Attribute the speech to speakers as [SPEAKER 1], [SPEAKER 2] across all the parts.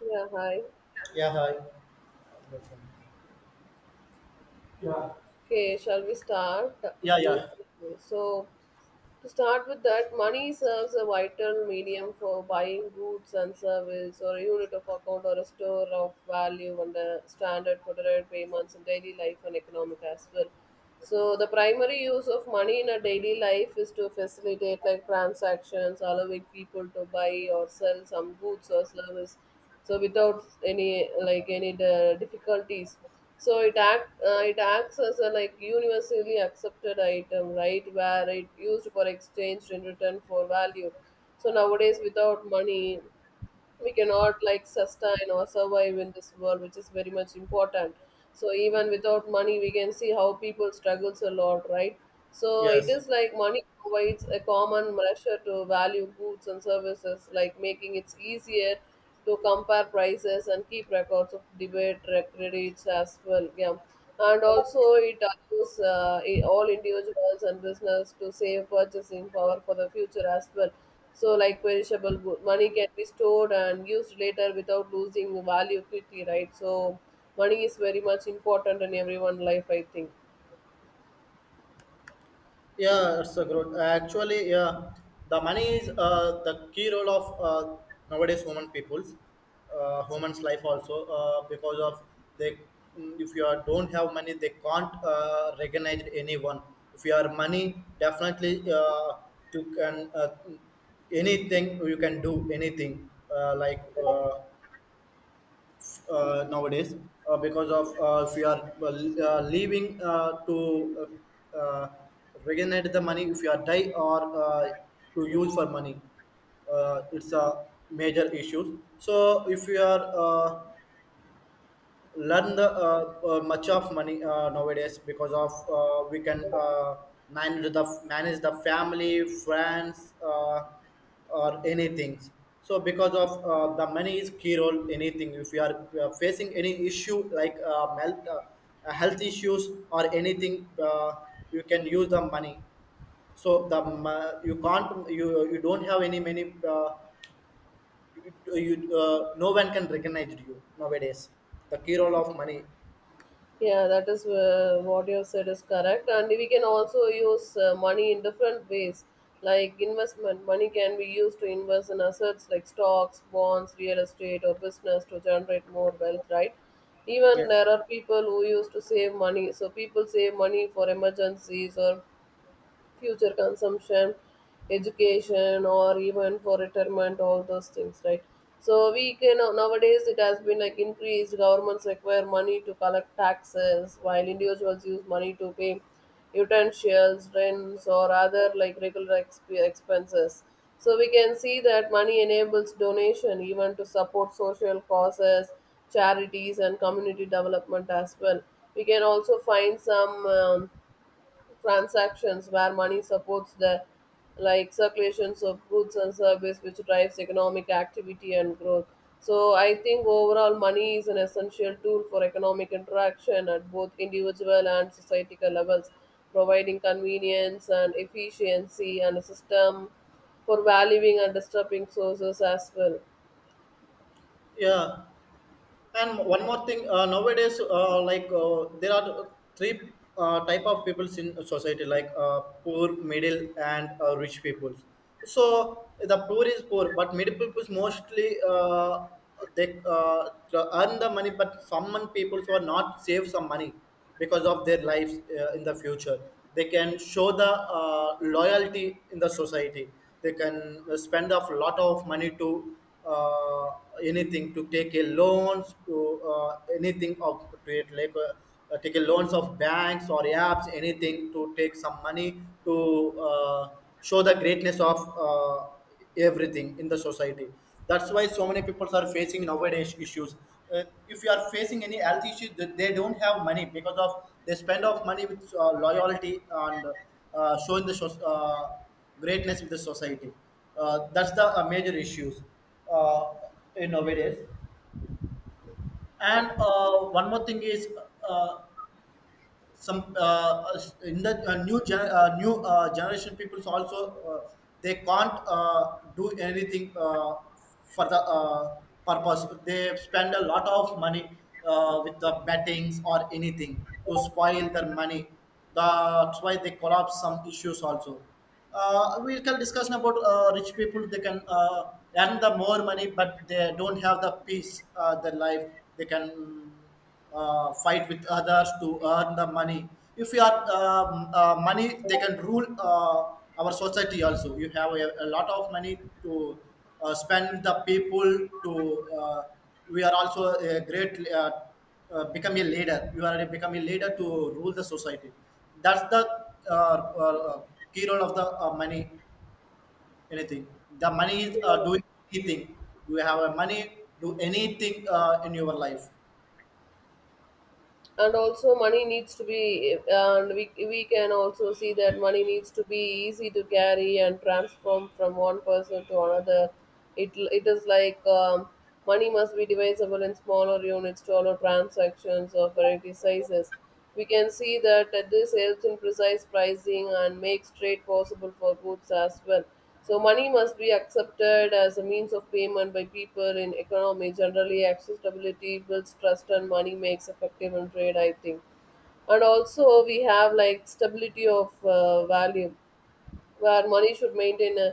[SPEAKER 1] Yeah, hi.
[SPEAKER 2] Yeah, hi.
[SPEAKER 1] Okay, shall we start?
[SPEAKER 2] Yeah,
[SPEAKER 1] You
[SPEAKER 2] yeah,
[SPEAKER 1] so To start with that, money serves a vital medium for buying goods and service, or a unit of account, or a store of value, and a standard for direct payments in daily life and economic as well. So the primary use of money in a daily life is to facilitate like transactions, allowing people to buy or sell some goods or service. So without any like any di- difficulties. So it acts as a like universally accepted item, right, where it used for exchange in return for value. So nowadays, without money, we cannot like sustain or survive in this world, which is very much important. So even without money, we can see how people struggles a lot, right. So it
[SPEAKER 2] yes.
[SPEAKER 1] is like money provides a common measure to value goods and services, like making it easier to compare prices and keep records of debate credits as well, yeah. And also it allows all individuals and business to save purchasing power for the future as well. So, like perishable good, money can be stored and used later without losing value quickly, right? So money is very much important in everyone's life, I think.
[SPEAKER 2] Yeah, it's a good. Actually, yeah, the money is the key role of nowadays human peoples, humans' life also because of they. If you are, don't have money, they can't recognize anyone. If you are money, definitely to can anything, you can do anything like. Nowadays because of if you are leaving to uh, uh, regenerate the money if you are die or to use for money, it's a major issue. So if you are learn the much of money nowadays, because of we can manage the family friends or anything. So because of the money is key role anything. If you are facing any issue like health issues or anything, you can use the money. So the you can't, you don't have any many, you, you no one can recognize you nowadays. The key role of money.
[SPEAKER 1] Yeah, that is what you have said is correct. And we can also use money in different ways, like investment. Money can be used to invest in assets like stocks, bonds, real estate, or business to generate more wealth, right? Even there are people who used to save money. So people save money for emergencies or future consumption, education, or even for retirement, all those things, right. So we can nowadays it has been like increased. Governments require money to collect taxes, while individuals use money to pay utensils, rents, or other like regular expenses. So we can see that money enables donation even to support social causes, charities, and community development as well. We can also find some transactions where money supports the like circulations of goods and service, which drives economic activity and growth. So I think overall money is an essential tool for economic interaction at both individual and societal levels, providing convenience and efficiency and a system for valuing and disrupting sources as well.
[SPEAKER 2] Yeah, and one more thing. Nowadays, like there are three type of peoples in society, like poor, middle, and rich peoples. So the poor is poor, but middle peoples mostly they earn the money, but some people who are not save some money because of their lives in the future. They can show the loyalty in the society. They can spend a lot of money to uh, anything, to take a loans, to anything of to it, like take a loans of banks or apps, anything to take some money to show the greatness of everything in the society. That's why so many people are facing nowadays issues. If you are facing any health issue, they don't have money because of they spend of money with loyalty and showing the greatness with the society. That's the major issues uh, in nowadays. And one more thing is, uh, some in the new generation peoples also uh, they can't do anything for the purpose, they spend a lot of money with the bettings or anything to spoil their money. That's why they collapse some issues also. We can discuss about rich people. They can earn the more money, but they don't have the peace their life. They can fight with others to earn the money. If you are money, they can rule our society also. You have a lot of money to spend the people. To uh, we are also a great become a leader. You are becoming a leader to rule the society. That's the uh, uh, key role of the money. Anything, the money is
[SPEAKER 1] Yeah.
[SPEAKER 2] doing anything. Do you have a money, do anything in your life.
[SPEAKER 1] And also money needs to be, and we can also see that money needs to be easy to carry and transform from one person to another. It is like, money must be divisible in smaller units to allow transactions of variety sizes. We can see that this helps in precise pricing and makes trade possible for goods as well. So money must be accepted as a means of payment by people in economy. Generally, accessibility builds trust and money makes effective and trade, I think. And also we have like stability of value, where money should maintain a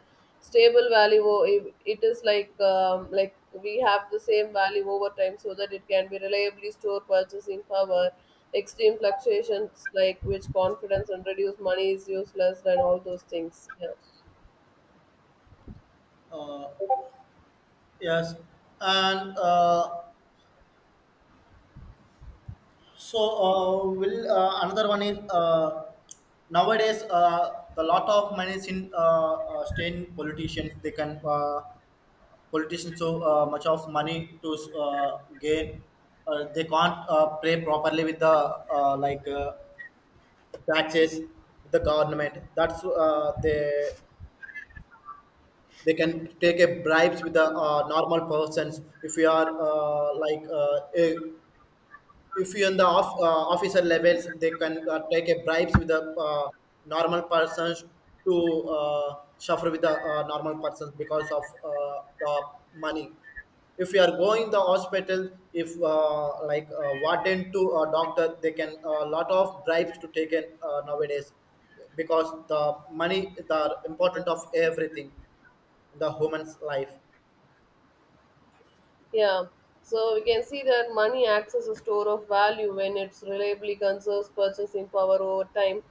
[SPEAKER 1] stable value. It is like we have the same value over time so that it can be reliably stored purchasing power. Extreme fluctuations like which confidence and reduce money is useless and all those things. Yeah.
[SPEAKER 2] Yes, and so will another one is, nowadays the lot of money is in staying politicians. They can politicians so much of money to gain. They can't pay properly with the like taxes, with the government. That's they can take a bribes with the normal persons. If you are like a, if you in the officer levels, they can take a bribes with the normal persons to suffer with the normal persons because of the money. If you are going the hospital, if like warden to a doctor, they can a lot of bribes to take in nowadays, because the money is the important of everything in the human's life.
[SPEAKER 1] Yeah. So we can see that money acts as a store of value when it reliably conserves purchasing power over time.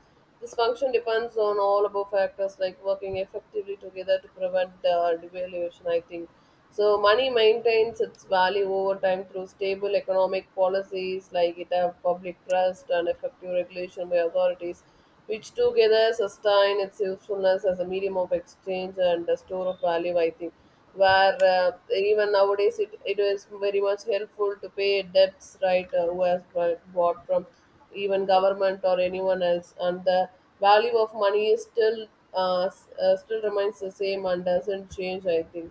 [SPEAKER 1] This function depends on all above factors like working effectively together to prevent devaluation, I think. So money maintains its value over time through stable economic policies, like it have public trust and effective regulation by authorities, which together sustain its usefulness as a medium of exchange and a store of value, I think, where even nowadays, it is very much helpful to pay debts, right, who has bought from even government or anyone else, and the value of money is still still remains the same and doesn't change, I think.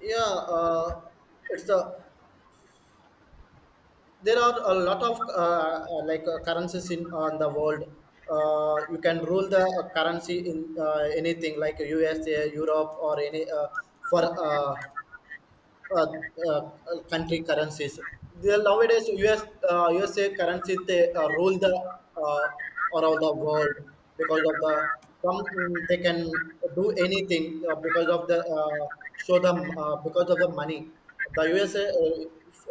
[SPEAKER 2] Yeah, it's the, there are a lot of like currencies in on the world. You can rule the currency in anything like USA, Europe, or any for uh, uh, country currencies. They, nowadays, US USA currencies, they rule the uh, around the world because of the some, they can do anything because of the show them because of the money. The USA, uh,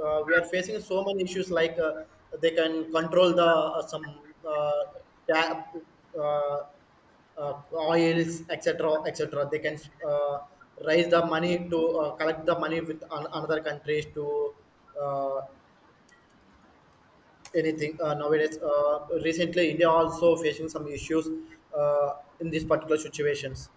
[SPEAKER 2] uh, we are facing so many issues like they can control the some ta- uh, oils, etc etc. They can uh, raise the money to collect the money with another countries to uh, anything nowadays. Recently India also facing some issues uh, in these particular situations.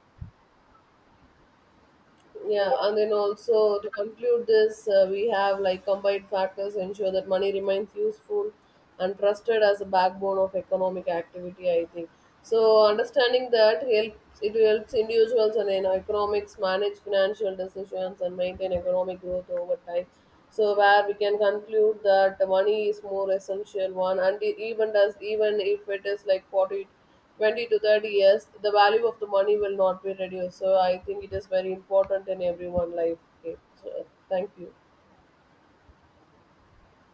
[SPEAKER 1] Yeah, and then also to conclude this, we have like combined factors ensure that money remains useful and trusted as a backbone of economic activity, I think. So understanding that helps, it helps individuals and in economics manage financial decisions and maintain economic growth over time. So where we can conclude that the money is more essential one, and even if it is like forty 20 to 30 years, the value of the money will not be reduced. So I think it is very important in everyone life. Okay, so thank you.